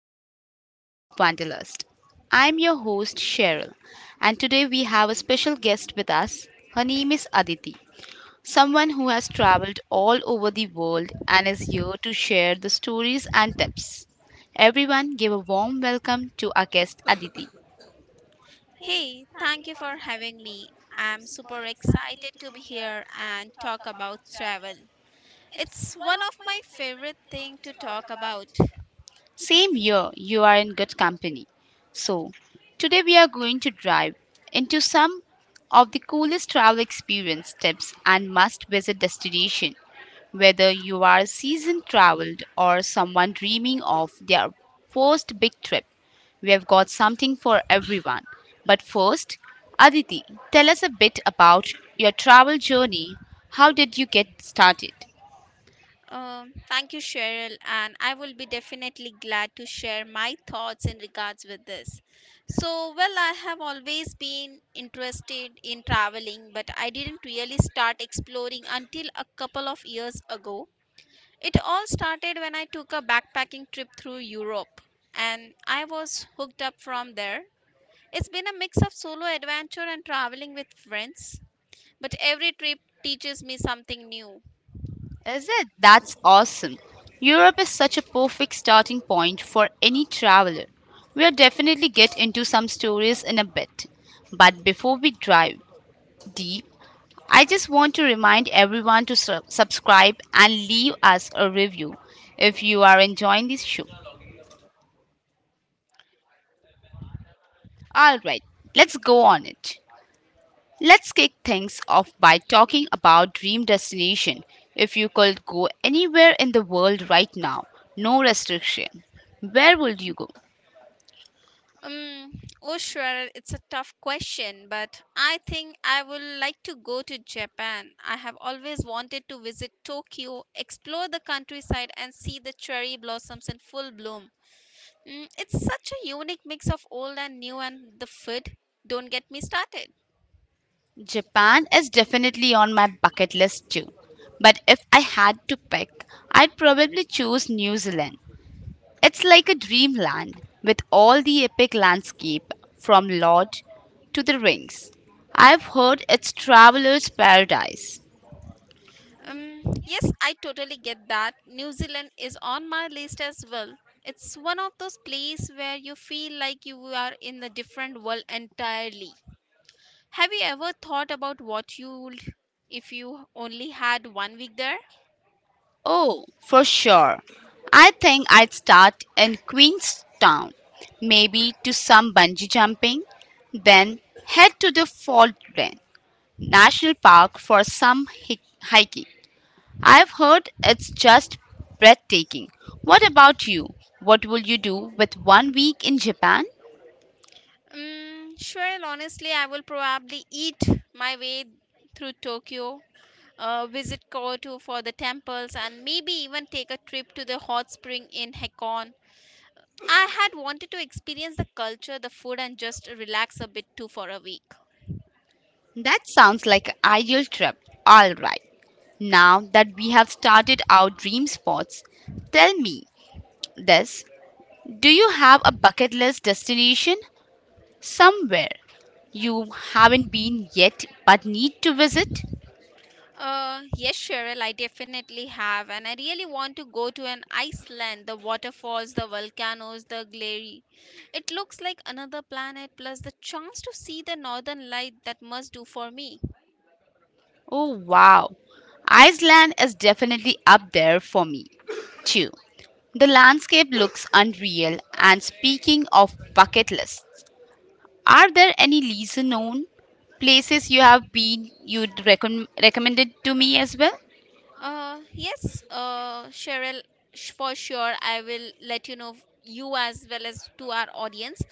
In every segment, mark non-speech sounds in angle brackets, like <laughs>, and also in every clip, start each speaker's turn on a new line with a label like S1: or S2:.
S1: another episode of Wanderlust. I'm your host Cheryl, and today we have a special guest with us. Her name is Aditi, someone who has traveled all over the world and is here to share the stories and tips. Everyone, give a warm welcome to our guest Aditi.
S2: I'm super excited to be here and talk about travel. It's one of my favorite thing to talk about.
S1: Same here. You are in good company. So, today we are going to drive into some of the coolest travel experience tips and must visit destination. Whether you are seasoned traveled or someone dreaming of their first big trip, we have got something for everyone. But first, Aditi, tell us a bit about your travel journey. How did you get started?
S2: Thank you, Cheryl, and I will be definitely glad to share my thoughts in regards with this. Well, I have always been interested in traveling, but I didn't really start exploring until a couple of years ago. It all started when I took a backpacking trip through Europe, and I was hooked up from there. It's been a mix of solo adventure and traveling with friends, but every trip teaches me something new.
S1: Is it? That's awesome. Europe is such a perfect starting point for any traveler. We'll definitely get into some stories in a bit. But before we dive deep, I just want to remind everyone to subscribe and leave us a review if you are enjoying this show. All right, let's go on it. Let's kick things off by talking about dream destination. If you could go anywhere in the world right now, no restriction, where would you go?
S2: Oh sure, it's a tough question, but I think I would like to go to Japan. I have always wanted to visit Tokyo, explore the countryside, and see the cherry blossoms in full bloom. Mm, it's such a unique mix of old and new, and the food. Don't get me started.
S1: Japan is definitely on my bucket list too. But if I had to pick, I'd probably choose New Zealand. It's like a dreamland with all the epic landscape from Lodge to the Rings. I've heard it's traveler's paradise.
S2: Yes, I totally get that. New Zealand is on my list as well. It's one of those places where you feel like you are in a different world entirely. Have you ever thought about what you'd if you only had 1 week there?
S1: Oh, for sure. I think I'd start in Queenstown, maybe to some bungee jumping, then head to the Faultland National Park for some hiking. I've heard it's just breathtaking. What about you? What will you do with 1 week in Japan?
S2: Sure, honestly, I will probably eat my way through Tokyo, visit Kyoto for the temples, and maybe even take a trip to the hot spring in Hakone. I had wanted to experience the culture, the food, and just relax a bit too for a week.
S1: That sounds like an ideal trip. All right. Now that we have started our dream spots, tell me this. Do you have a bucket list destination somewhere you haven't been yet but need to visit?
S2: Yes, Cheryl, I definitely have, and I really want to go to an Iceland. The waterfalls, the volcanoes, the glary. It looks like another planet, plus the chance to see the northern light that must do for me.
S1: Oh, wow. Iceland is definitely up there for me, too. The landscape looks unreal. And speaking of bucket lists, are there any lesser known places you have been you'd recommended to me as well?
S2: Yes, Cheryl, for sure. I will let you know you as well as to our audience.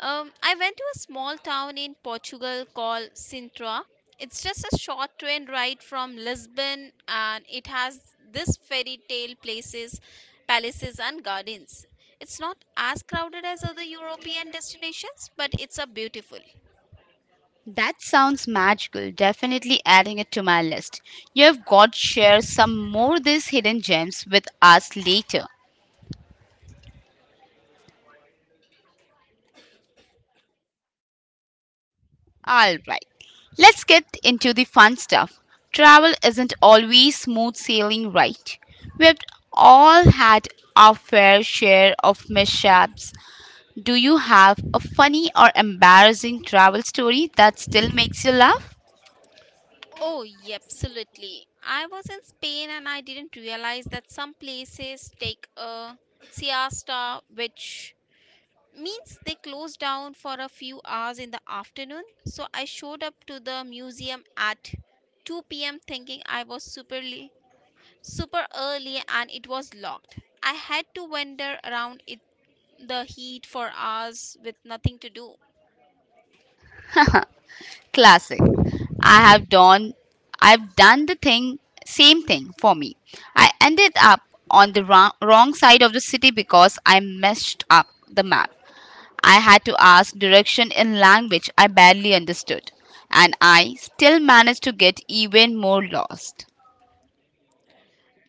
S2: I went to a small town in Portugal called Sintra. It's just a short train ride from Lisbon, and it has this fairy tale places, palaces, and gardens. It's not as crowded as other European destinations, but it's a beautiful.
S1: That sounds magical. Definitely adding it to my list. You've got to share some more these hidden gems with us later. All right. Let's get into the fun stuff. Travel isn't always smooth sailing, right? We've all had our fair share of mishaps. Do you have a funny or embarrassing travel story that still makes you laugh?
S2: Oh, yeah, absolutely. I was in Spain and I didn't realize that some places take a siesta, which means they close down for a few hours in the afternoon. So I showed up to the museum at 2 p.m. thinking I was super, super early and it was locked. I had to wander around it, the heat for hours with nothing to do.
S1: Classic. I have done I've done the thing same thing for me. I ended up on the wrong side of the city because I messed up the map. I had to ask direction in language I barely understood, and I still managed to get even more lost.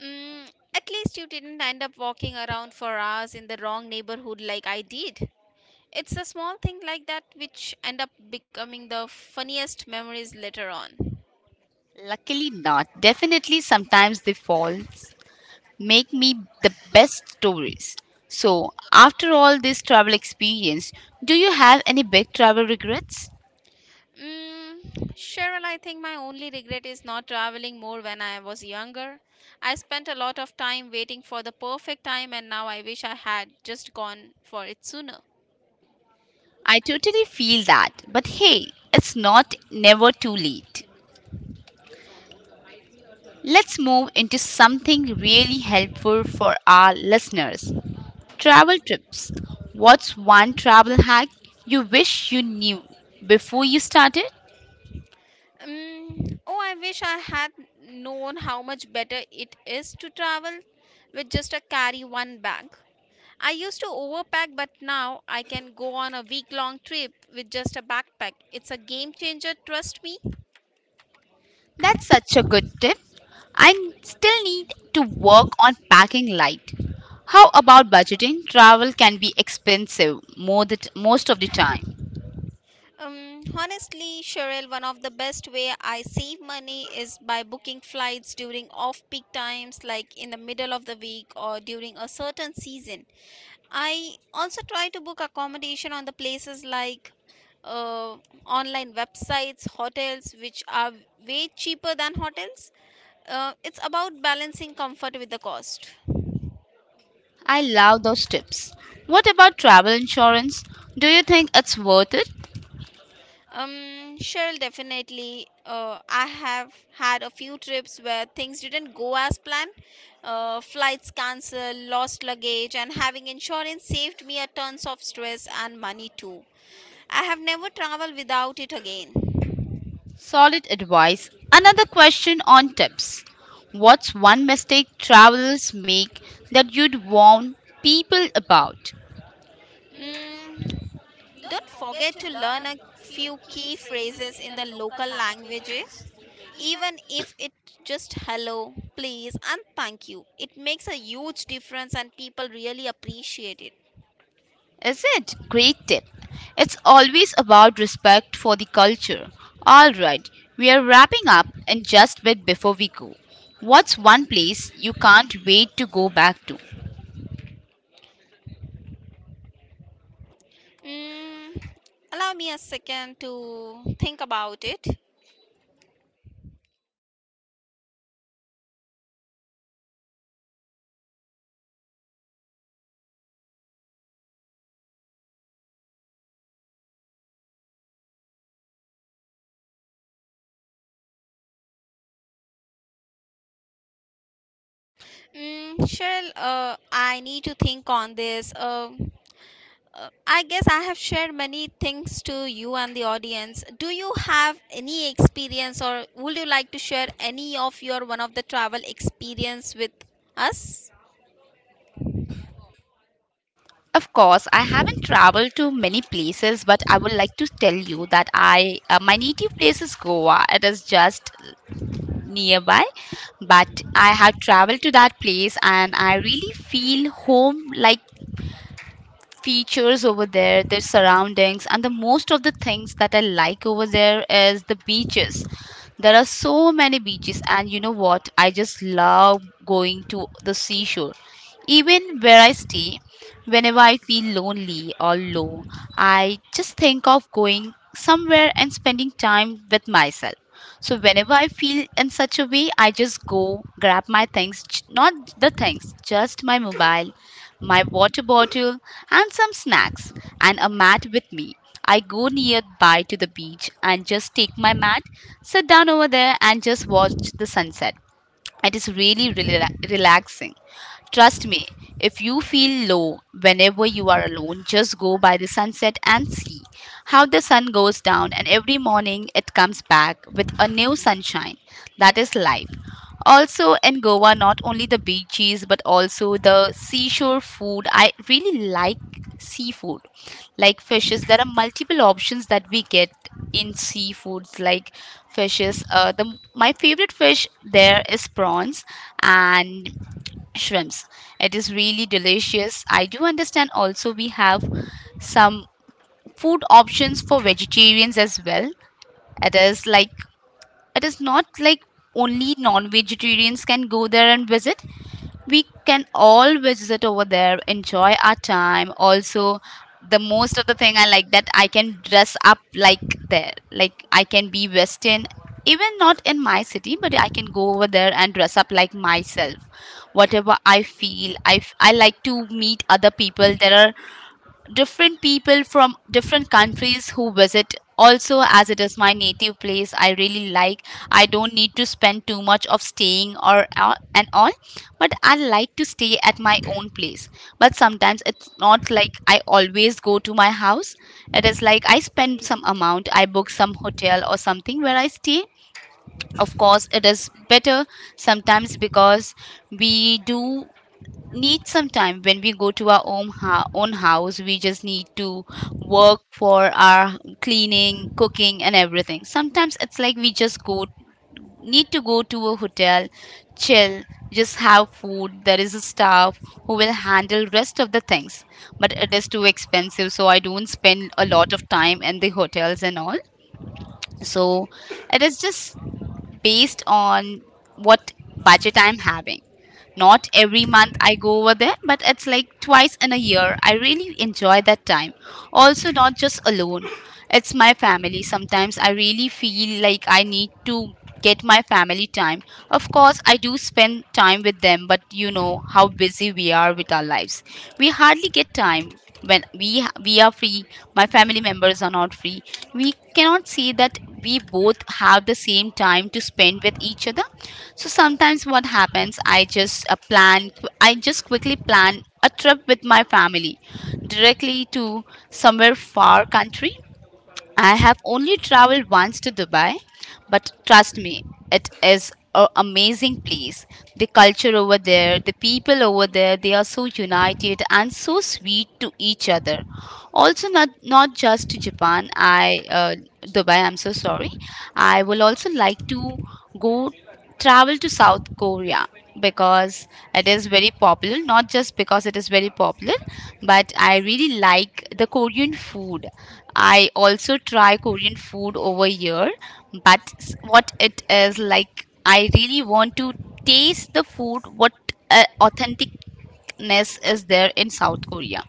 S2: Mm, at least you didn't end up walking around for hours in the wrong neighborhood like I did. It's a small thing like that which end up becoming the funniest memories later on.
S1: Luckily, not. Definitely, sometimes the faults make me the best stories. So, after all this travel experience, do you have any big travel regrets?
S2: Mm, Cheryl, I think my only regret is not traveling more when I was younger. I spent a lot of time waiting for the perfect time, and now I wish I had just gone for it sooner.
S1: I totally feel that. But hey, it's not never too late. Let's move into something really helpful for our listeners travel trips. What's one travel hack you wish you knew before you started?
S2: Oh, I wish I had known how much better it is to travel with just a carry one bag. I used to overpack, but now I can go on a week long trip with just a backpack. It's a game changer, trust me.
S1: That's such a good tip. I still need to work on packing light. How about budgeting? Travel can be expensive more the most of the time.
S2: Honestly, Cheryl, one of the best way I save money is by booking flights during off peak times, like in the middle of the week or during a certain season. I also try to book accommodation on the places like uh, online websites, hotels, which are way cheaper than hotels. It's about balancing comfort with the cost.
S1: I love those tips. What about travel insurance? Do you think it's worth it?
S2: Cheryl, definitely. I have had a few trips where things didn't go as planned. Flights cancelled, lost luggage, and having insurance saved me a tons of stress and money too. I have never traveled without it again.
S1: Solid advice. Another question on tips. What's one mistake travelers make that you'd warn people about?
S2: Mm, don't forget to learn a few key phrases in the local languages, even if it just hello, please, and thank you. It makes a huge difference, and people really appreciate it.
S1: Is it? Great tip. It's always about respect for the culture. Alright, we are wrapping up in just a bit before we go. What's one place you can't wait to go back to?
S2: Mm, allow me a second to think about it. Mm, Cheryl, I need to think on this. I guess I have shared many things to you and the audience. Do you have any experience or would you like to share any of your one of the travel experience with us?
S1: Of course, I haven't traveled to many places, but I would like to tell you that I my native place is Goa. It is just nearby, but I have traveled to that place and I really feel home like features over there, their surroundings, and the most of the things that I like over there is the beaches. There are so many beaches, and you know what? I just love going to the seashore. Even where I stay, whenever I feel lonely or low, I just think of going somewhere and spending time with myself. So whenever I feel in such a way, I just go grab my things, j- not the things, just my mobile, my water bottle, and some snacks, and a mat with me. I go nearby to the beach and just take my mat, sit down over there, and just watch the sunset. It is really relaxing. Trust me, if you feel low whenever you are alone, just go by the sunset and see how the sun goes down, and every morning it comes back with a new sunshine. That is life. Also, in Goa, not only the beaches but also the seashore food. I really like seafood, like fishes. There are multiple options that we get in seafoods, like fishes. The my favorite fish there is prawns and shrimps. It is really delicious. I do understand. Also, we have some food options for vegetarians as well. It is like it is not like only non-vegetarians can go there and visit, we can all visit over there enjoy our time. Also the most of the thing I like that I can dress up like there, like I can be western, even not in my city but I can go over there and dress up like myself whatever I feel. I like to meet other people, there are different people from different countries who visit. Also, as it is my native place, I really like, I don't need to spend too much of staying or and all, but I like to stay at my own place. But sometimes it's not like I always go to my house, it is like I spend some amount, I book some hotel or something where I stay. Of course it is better sometimes, because we do need some time. When we go to our own house, we just need to work for our cleaning, cooking and everything. Sometimes it's like we just go need to go to a hotel, chill, just have food, there is a staff who will handle rest of the things. But it is too expensive, so I don't spend a lot of time in the hotels and all. So it is just based on what budget I'm having. Not every month I go over there, but it's like twice in a year. I really enjoy that time. Also, not just alone, it's my family. Sometimes I really feel like I need to get my family time. Of course, I do spend time with them, but you know how busy we are with our lives. We hardly get time. When we are free, my family members are not free. We cannot say that we both have the same time to spend with each other. So sometimes what happens, I just quickly plan a trip with my family, directly to somewhere far country. I have only traveled once to Dubai, but trust me, it is an amazing place. The culture over there, the people over there, they are so united and so sweet to each other. Also, not just to Japan. I Dubai. I'm so sorry. I will also like to go travel to South Korea, because it is very popular, not just because it is very popular, but I really like the Korean food. I also try Korean food over here, but what it is like, I really want to taste the food, what authentic ness is there in South Korea.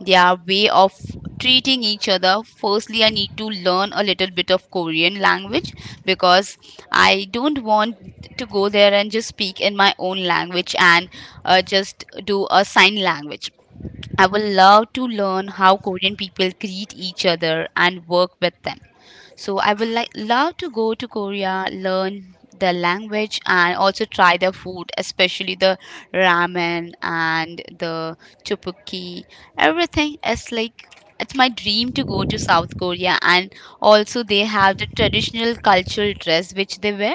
S1: Their way of treating each other. Firstly, I need to learn a little bit of Korean language, because I don't want to go there and just speak in my own language and just do a sign language. I would love to learn how Korean people greet each other and work with them. So I would love to go to Korea, learn the language and also try their food, especially the ramen and the tteokbokki. Everything is like it's my dream to go to South Korea. And also they have the traditional cultural dress which they wear.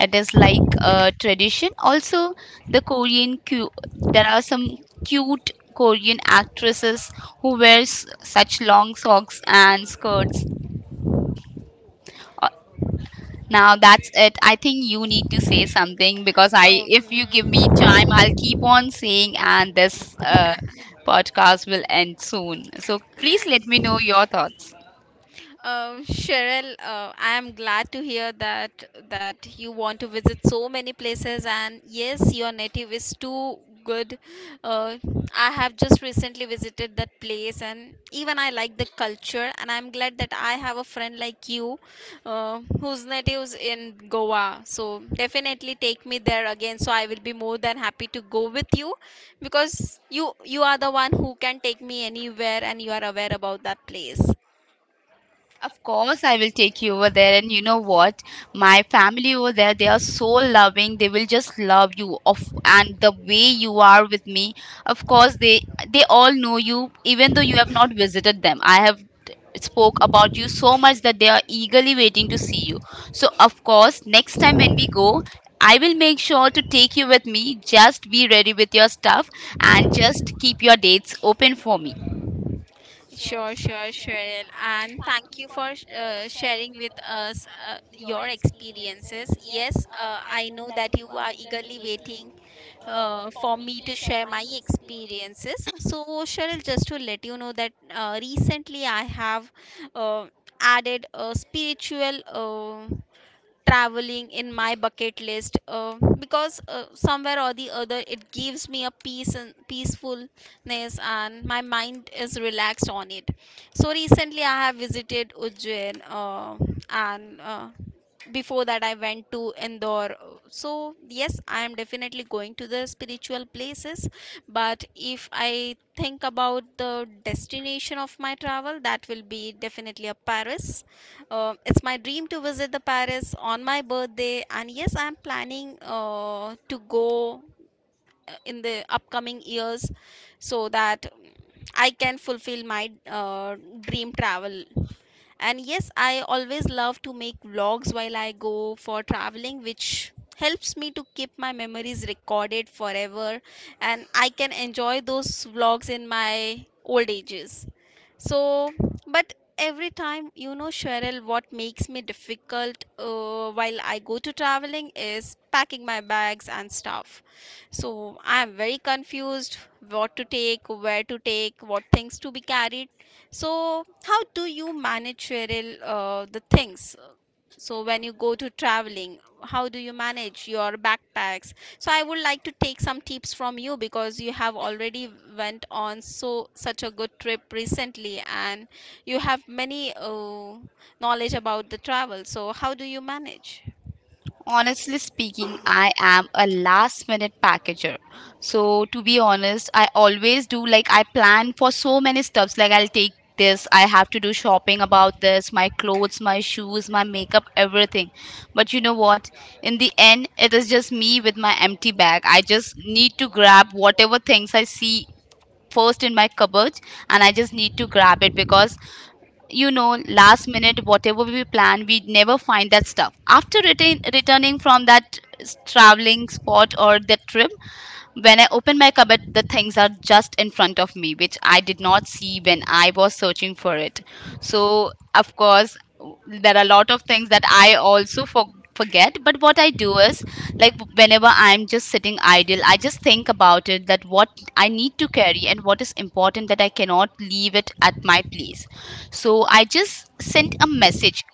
S1: It is like a tradition. Also the there are some cute Korean actresses who wears such long socks and skirts. Now that's it. I think you need to say something because
S2: Oh,
S1: if you give me
S2: mm.
S1: time, I'll keep on saying, and this podcast will end soon. So please let me know your thoughts.
S2: Cheryl, I am glad to hear that you want to visit so many places, and yes, your native is too good. Uh, I have just recently visited that place, and even I like the culture, and I'm glad that I have a friend like you, whose natives in Goa. So definitely take me there again. So I will be more than happy to go with you, because you are the one who can take me anywhere, and you are aware about that place.
S1: Of course, I will take you over there. And you know what? My family over there, they are so loving. They will just love you. Of and the way you are with me, of course, they all know you, even though you have not visited them. I have spoke about you so much that they are eagerly waiting to see you. So of course, next time when we go, I will make sure to take you with me. Just be ready with your stuff and just keep your dates open for me.
S2: Sure, sure, Cheryl. And thank you for sharing with us your experiences. Yes, I know that you are eagerly waiting for me to share my experiences. So, Cheryl, just to let you know that recently I have uh, added a spiritual. Traveling in my bucket list because somewhere or the other it gives me a peace and peacefulness and my mind is relaxed on it. So recently I have visited Ujjain, and before that I went to Indore. So yes, I am definitely going to the spiritual places, but if I think about the destination of my travel, that will be definitely a Paris. It's my dream to visit the Paris on my birthday, and yes, I'm planning to go in the upcoming years, so that I can fulfill my dream travel. And yes, I always love to make vlogs while I go for traveling, which helps me to keep my memories recorded forever, and I can enjoy those vlogs in my old ages. So but every time, you know, Cheryl, what makes me difficult while I go to traveling is packing my bags and stuff. So I am very confused what to take, where to take, what things to be carried. So, how do you manage, Cheryl, the things? So, when you go to traveling, how do you manage your backpacks? So, I would like to take some tips from you because you have already went on so such a good trip recently, and you have many knowledge about the travel. So, how do you manage?
S1: Honestly speaking, I am a last minute packager. So to be honest, I always do like I plan for so many stuffs like I'll take this, I have to do shopping about this, my clothes, my shoes, my makeup, everything. But you know what? In the end, it is just me with my empty bag. I just need to grab whatever things I see first in my cupboard and I just need to grab it because you know last minute whatever we plan we never find that stuff after returning from that traveling spot or that trip when I open my cupboard, the things are just in front of me, which I did not see when I was searching for it. So, of course, there are a lot of things that I also forget. But what I do is, like, whenever I'm just sitting idle, I just think about it that what I need to carry and what is important that I cannot leave it at my place. So, I just sent a message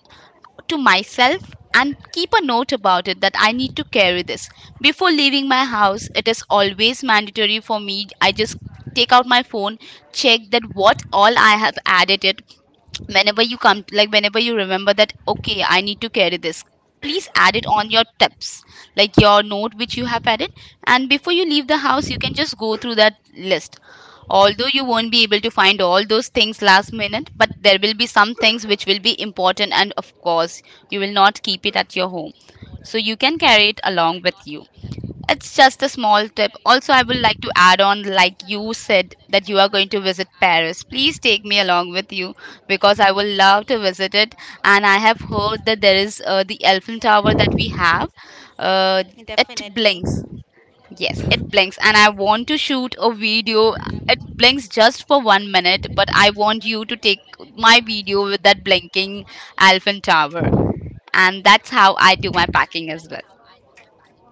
S1: to myself and keep a note about it that I need to carry this. Before leaving my house, it is always mandatory for me. I just take out my phone, check that what all I have added it whenever you come like whenever you remember that okay I need to carry this, please add it on your tips like your note which you have added. And before you leave the house you can just go through that list, although you won't be able to find all those things last minute, but there will be some things which will be important, and of course you will not keep it at your home, so you can carry it along with you. It's just a small tip. Also, I would like to add on like you said that you are going to visit Paris. Please take me along with you because I will love to visit it. And I have heard that there is the Eiffel Tower that we have. Uh, it blinks. Yes, it blinks. And I want to shoot a video. It blinks just for 1 minute, but I want you to take my video with that blinking Eiffel Tower. And that's how I do my packing as well.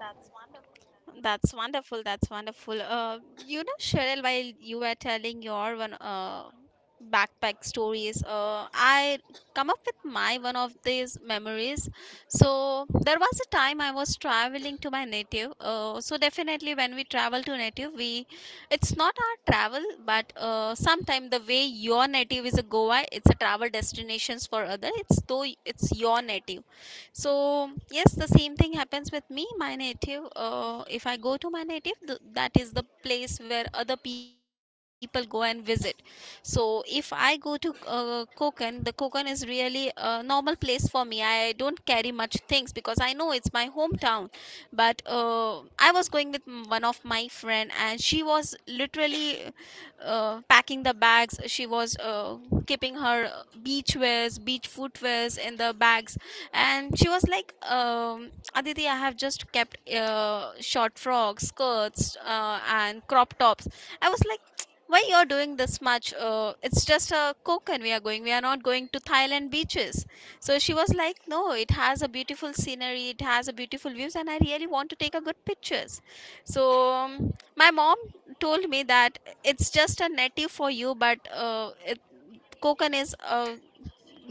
S2: That's wonderful. That's wonderful. You know, Cheryl, while you were telling your one backpack stories, I come up with my one of these memories. So there was a time I was traveling to my native. So definitely, when we travel to native, we it's not our travel, but sometime the way your native is a Goa, it's a travel destinations for other. It's though it's your native, so yes, the same thing happens with me. My native, if I go to my native, that is the place where other people go and visit. So if I go to Konkan, the Konkan is really a normal place for me. I don't carry much things because I know it's my hometown. But I was going with one of my friend, and she was literally packing the bags. She was keeping her beach wears, beach footwears in the bags, and she was like, Aditi, I have just kept short frocks, skirts, and crop tops. I was like, why you're doing this much? It's just a Koken we are going, we are not going to Thailand beaches. So she was like, no, it has a beautiful scenery, it has a beautiful views, and I really want to take a good pictures. So my mom told me that it's just a native for you, but Kokan is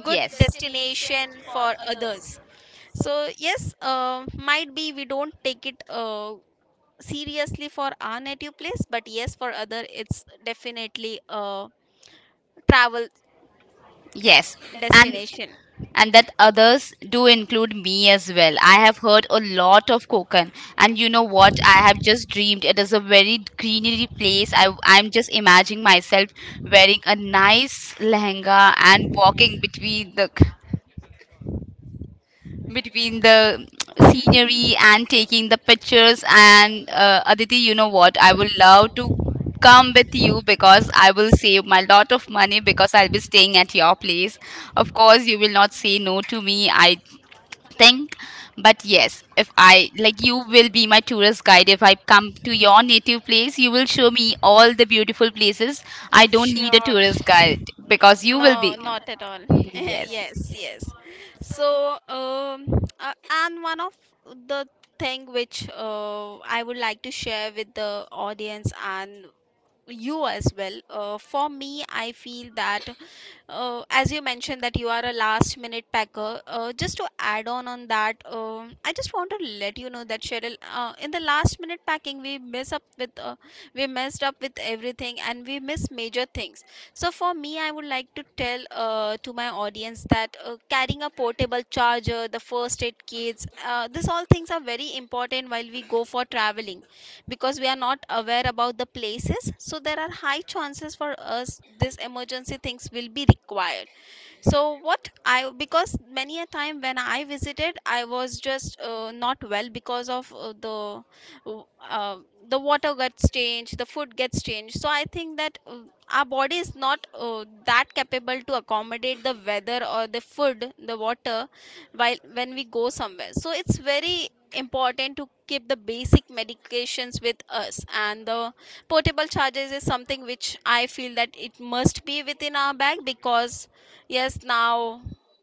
S2: good
S1: Yes,
S2: destination for others. So yes, might be we don't take it seriously for our native place, but yes, for other it's definitely a travel
S1: yes, and destination.
S2: destination.
S1: And that others do include me as well. I have heard a lot of Kokan, and you know what? I have just dreamed it is a very greenery place. I'm just imagining myself wearing a nice lehenga and walking between the scenery and
S2: <laughs>
S1: taking the pictures. And Aditi, you know what? I would love to come with you because I will save my lot of money because I'll be staying at your place. Of course, you will not say no to me, I think. But yes, if I like, you will be my tourist guide. If I come to your native place, you will show me all the beautiful places. I don't need a
S2: Sure.
S1: tourist guide because you will
S2: No,
S1: be.
S2: not at all. <laughs>
S1: Yes.
S2: Yes, yes. So, um, uh, and one of the thing which I would like to share with the audience and you as well. For me, I feel that as you mentioned that you are a last minute packer, just to add on that, I just want to let you know that Cheryl, in the last minute packing, we messed up with everything and we miss major things. So for me, I would like to tell, to my audience that, carrying a portable charger, the first aid kits, these all things are very important while we go for traveling, because we are not aware about the places, so there are high chances for us this emergency things will be required. So what I Because many a time when I visited, I was just not well because of uh, the water gets changed, the food gets changed. So I think that our body is not that capable to accommodate the weather or the food, the water, while when we go somewhere. So it's very important to keep the basic medications with us, and the portable charges is something which I feel that it must be within our bag. Because yes, now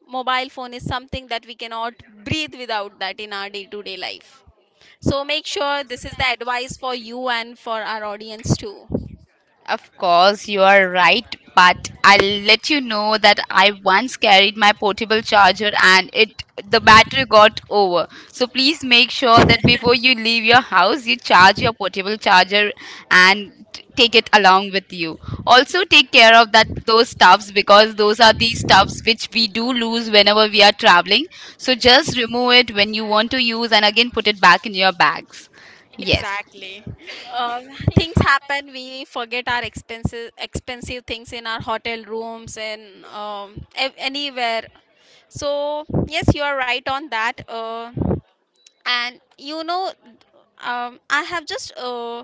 S2: mobile phone is something that we cannot breathe without that in our day-to-day life. So make sure this is the advice for you and for our audience too.
S1: Of course, you are right, but I'll let you know that I once carried my portable charger and it, the battery got over. So please make sure that before you leave your house, you charge your portable charger and take it along with you. Also take care of that, those stuffs, because those are the stuffs which we do lose
S2: <laughs>
S1: whenever we are traveling. So just remove it when you
S2: Mhm.
S1: want to use and again put it back in your bags. Yes.
S2: Exactly. Uh, Things happen. We forget our expensive things in our hotel rooms and anywhere. So yes, you are right on that. And you know, I have just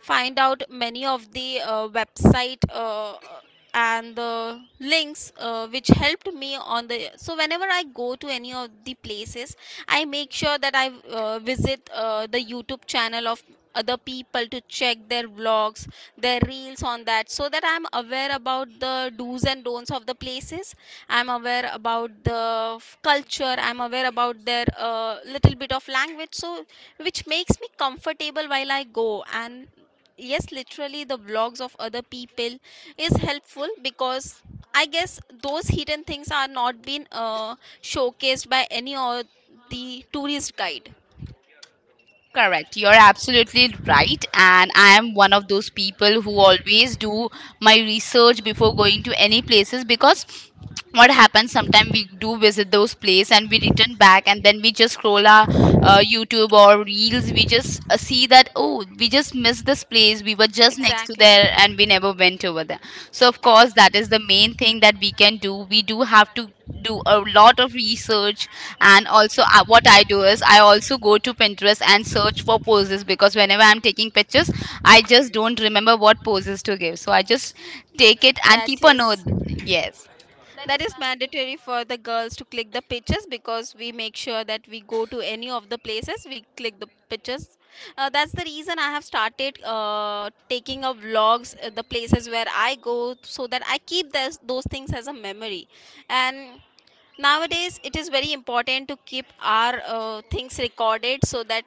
S2: find out many of the website and the links which helped me on the. So whenever I go to any of the places, I make sure that I visit the YouTube channel of other people to check their vlogs, their reels on that, so that I'm aware about the do's and don'ts of the places, I'm aware about the culture, I'm aware about their little bit of language. So which makes me comfortable while I go. And yes, literally the vlogs of other people is helpful, because I guess those hidden things are not being showcased by any of the tourist guide.
S1: Correct. You're absolutely right. And I am one of those people who always do my research before going to any places because what happens sometimes we do visit those place and we return back and then we just scroll our YouTube or reels. We just see that, oh, we just missed this place, we were just next to
S2: Exactly.
S1: there and we never went over there. So of course that is the main thing that we can do. We do
S2: That
S1: have to do a
S2: is
S1: lot of research. And also what I do is I also go to Pinterest and search for poses because whenever I'm taking pictures I just don't remember what poses to give, so I just take it and keep a note. Yes.
S2: that is mandatory for the girls to click the pictures, because we make sure that we go to any of the places, we click the pictures. That's the reason I have started taking of vlogs the places where I go, so that I keep those things as a memory. And nowadays it is very important to keep our things recorded so that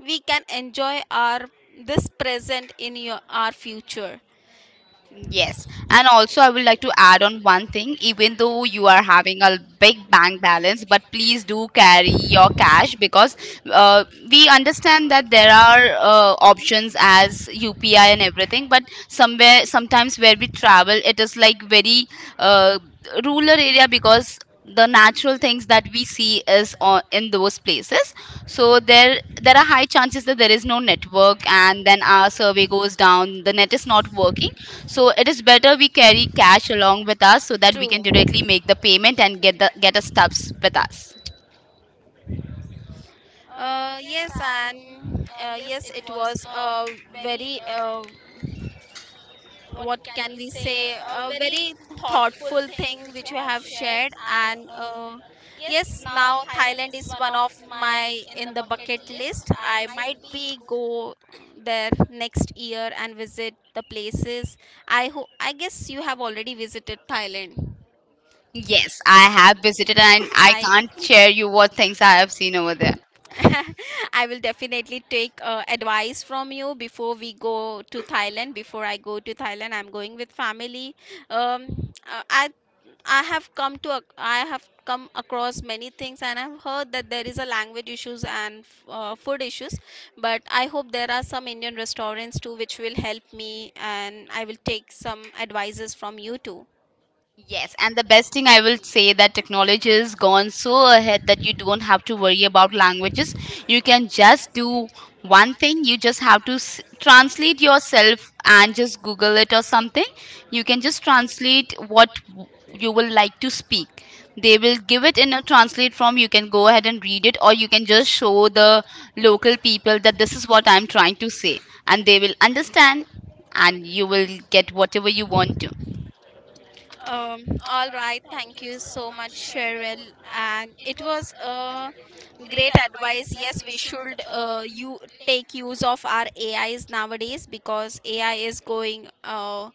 S2: we can enjoy our this present in your, our future.
S1: Yes. And also, I would like to add on one thing, even though you are having a big bank balance, but please do carry your cash because uh, we understand that there are options as UPI and everything, but somewhere, sometimes where we travel, it is like very uh, rural area because the natural things that we see is on, in those places. So there are high chances that there is no network and then our survey goes down, the net is not working. So it is better we carry cash along with us so that we
S2: True.
S1: can directly make the payment and get the, get our stuffs with us.
S2: Yes, and yes, it was very what can we say, a very thoughtful thing which you have shared. And yes, now Thailand is one of my in the bucket list. I might be go there next year and visit the places. I guess you have already visited Thailand.
S1: Yes, I have visited and I
S2: I.
S1: can't share you what things I have seen over there.
S2: <laughs> I will definitely take advice from you before we go to Thailand. Before I go to Thailand, I'm going with family. Um, uh, I I have come to I have come across many things, and I've heard that there is a language issues and food issues. But I hope there are some Indian restaurants too, which will help me, and I will take some advices from you too.
S1: Yes, and the best thing I will say that technology has gone so ahead that you don't have to worry about languages. You can just do one thing. You just have to translate yourself and just Google it or something. You can just translate what you will like to speak. They will give it in a translate form. You can go ahead and read it, or you can just show the local people that this is what I'm trying to say, and they will understand, and you will get whatever you want to.
S2: Um, all right, thank you so much, Cheryl. And it was a great advice. Yes, we should, you take use of our AIs nowadays, because AI is going,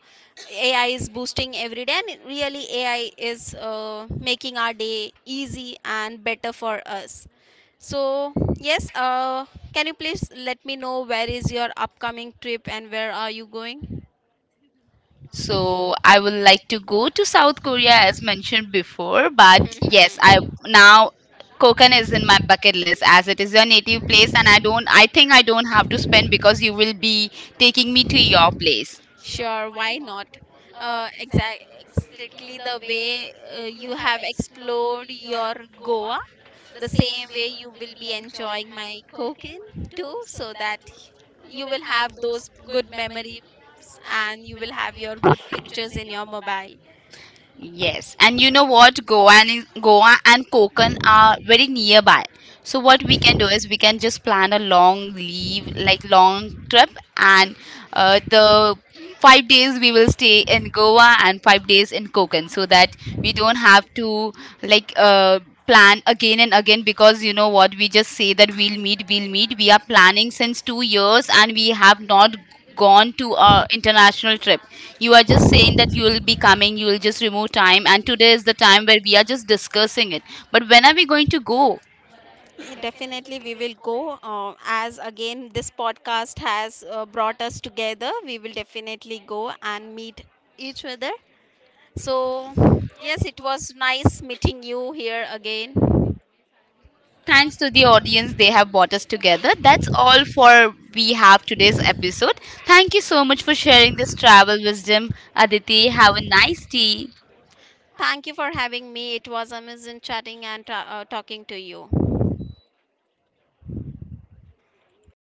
S2: AI is boosting every day, and it really AI is making our day easy and better for us. So yes, can you please let me know where is your upcoming trip and where are you going?
S1: So I would like to go to South Korea as mentioned before, but yes, I,
S2: Hmm.
S1: now Kokan is in my bucket list as it is your native place and I don't, I think I don't have to spend because you will be taking me to your place.
S2: Sure, why not? Uh, exact, exactly the way you have explored your Goa, the same way you will be enjoying my cooking too, so that you will have those good memories and you will have your good pictures in your mobile.
S1: Yes, and you know what? Goa and Konkan are very nearby. So what we can do is we can just plan a long leave, like long trip, and the 5 days we will stay in Goa and 5 days in Konkan, so that we don't have to like plan again and again because you know what? We just say that we'll meet, we'll meet. We are planning since 2 years, and we have not gone to a international trip. You are just saying that you will be coming, you will just remove time, and today is the time where we are just discussing it, but when are we going to go?
S2: Yeah, definitely, we will go. As again, this podcast has brought us together, we will definitely go and meet each other. So, yes, it was nice meeting you here again.
S1: Thanks to the audience, they have brought us together. That's all for we have today's episode. Thank you so much for sharing this travel wisdom. Aditi, have a nice day.
S2: Thank you for having me. It was amazing chatting and talking to you.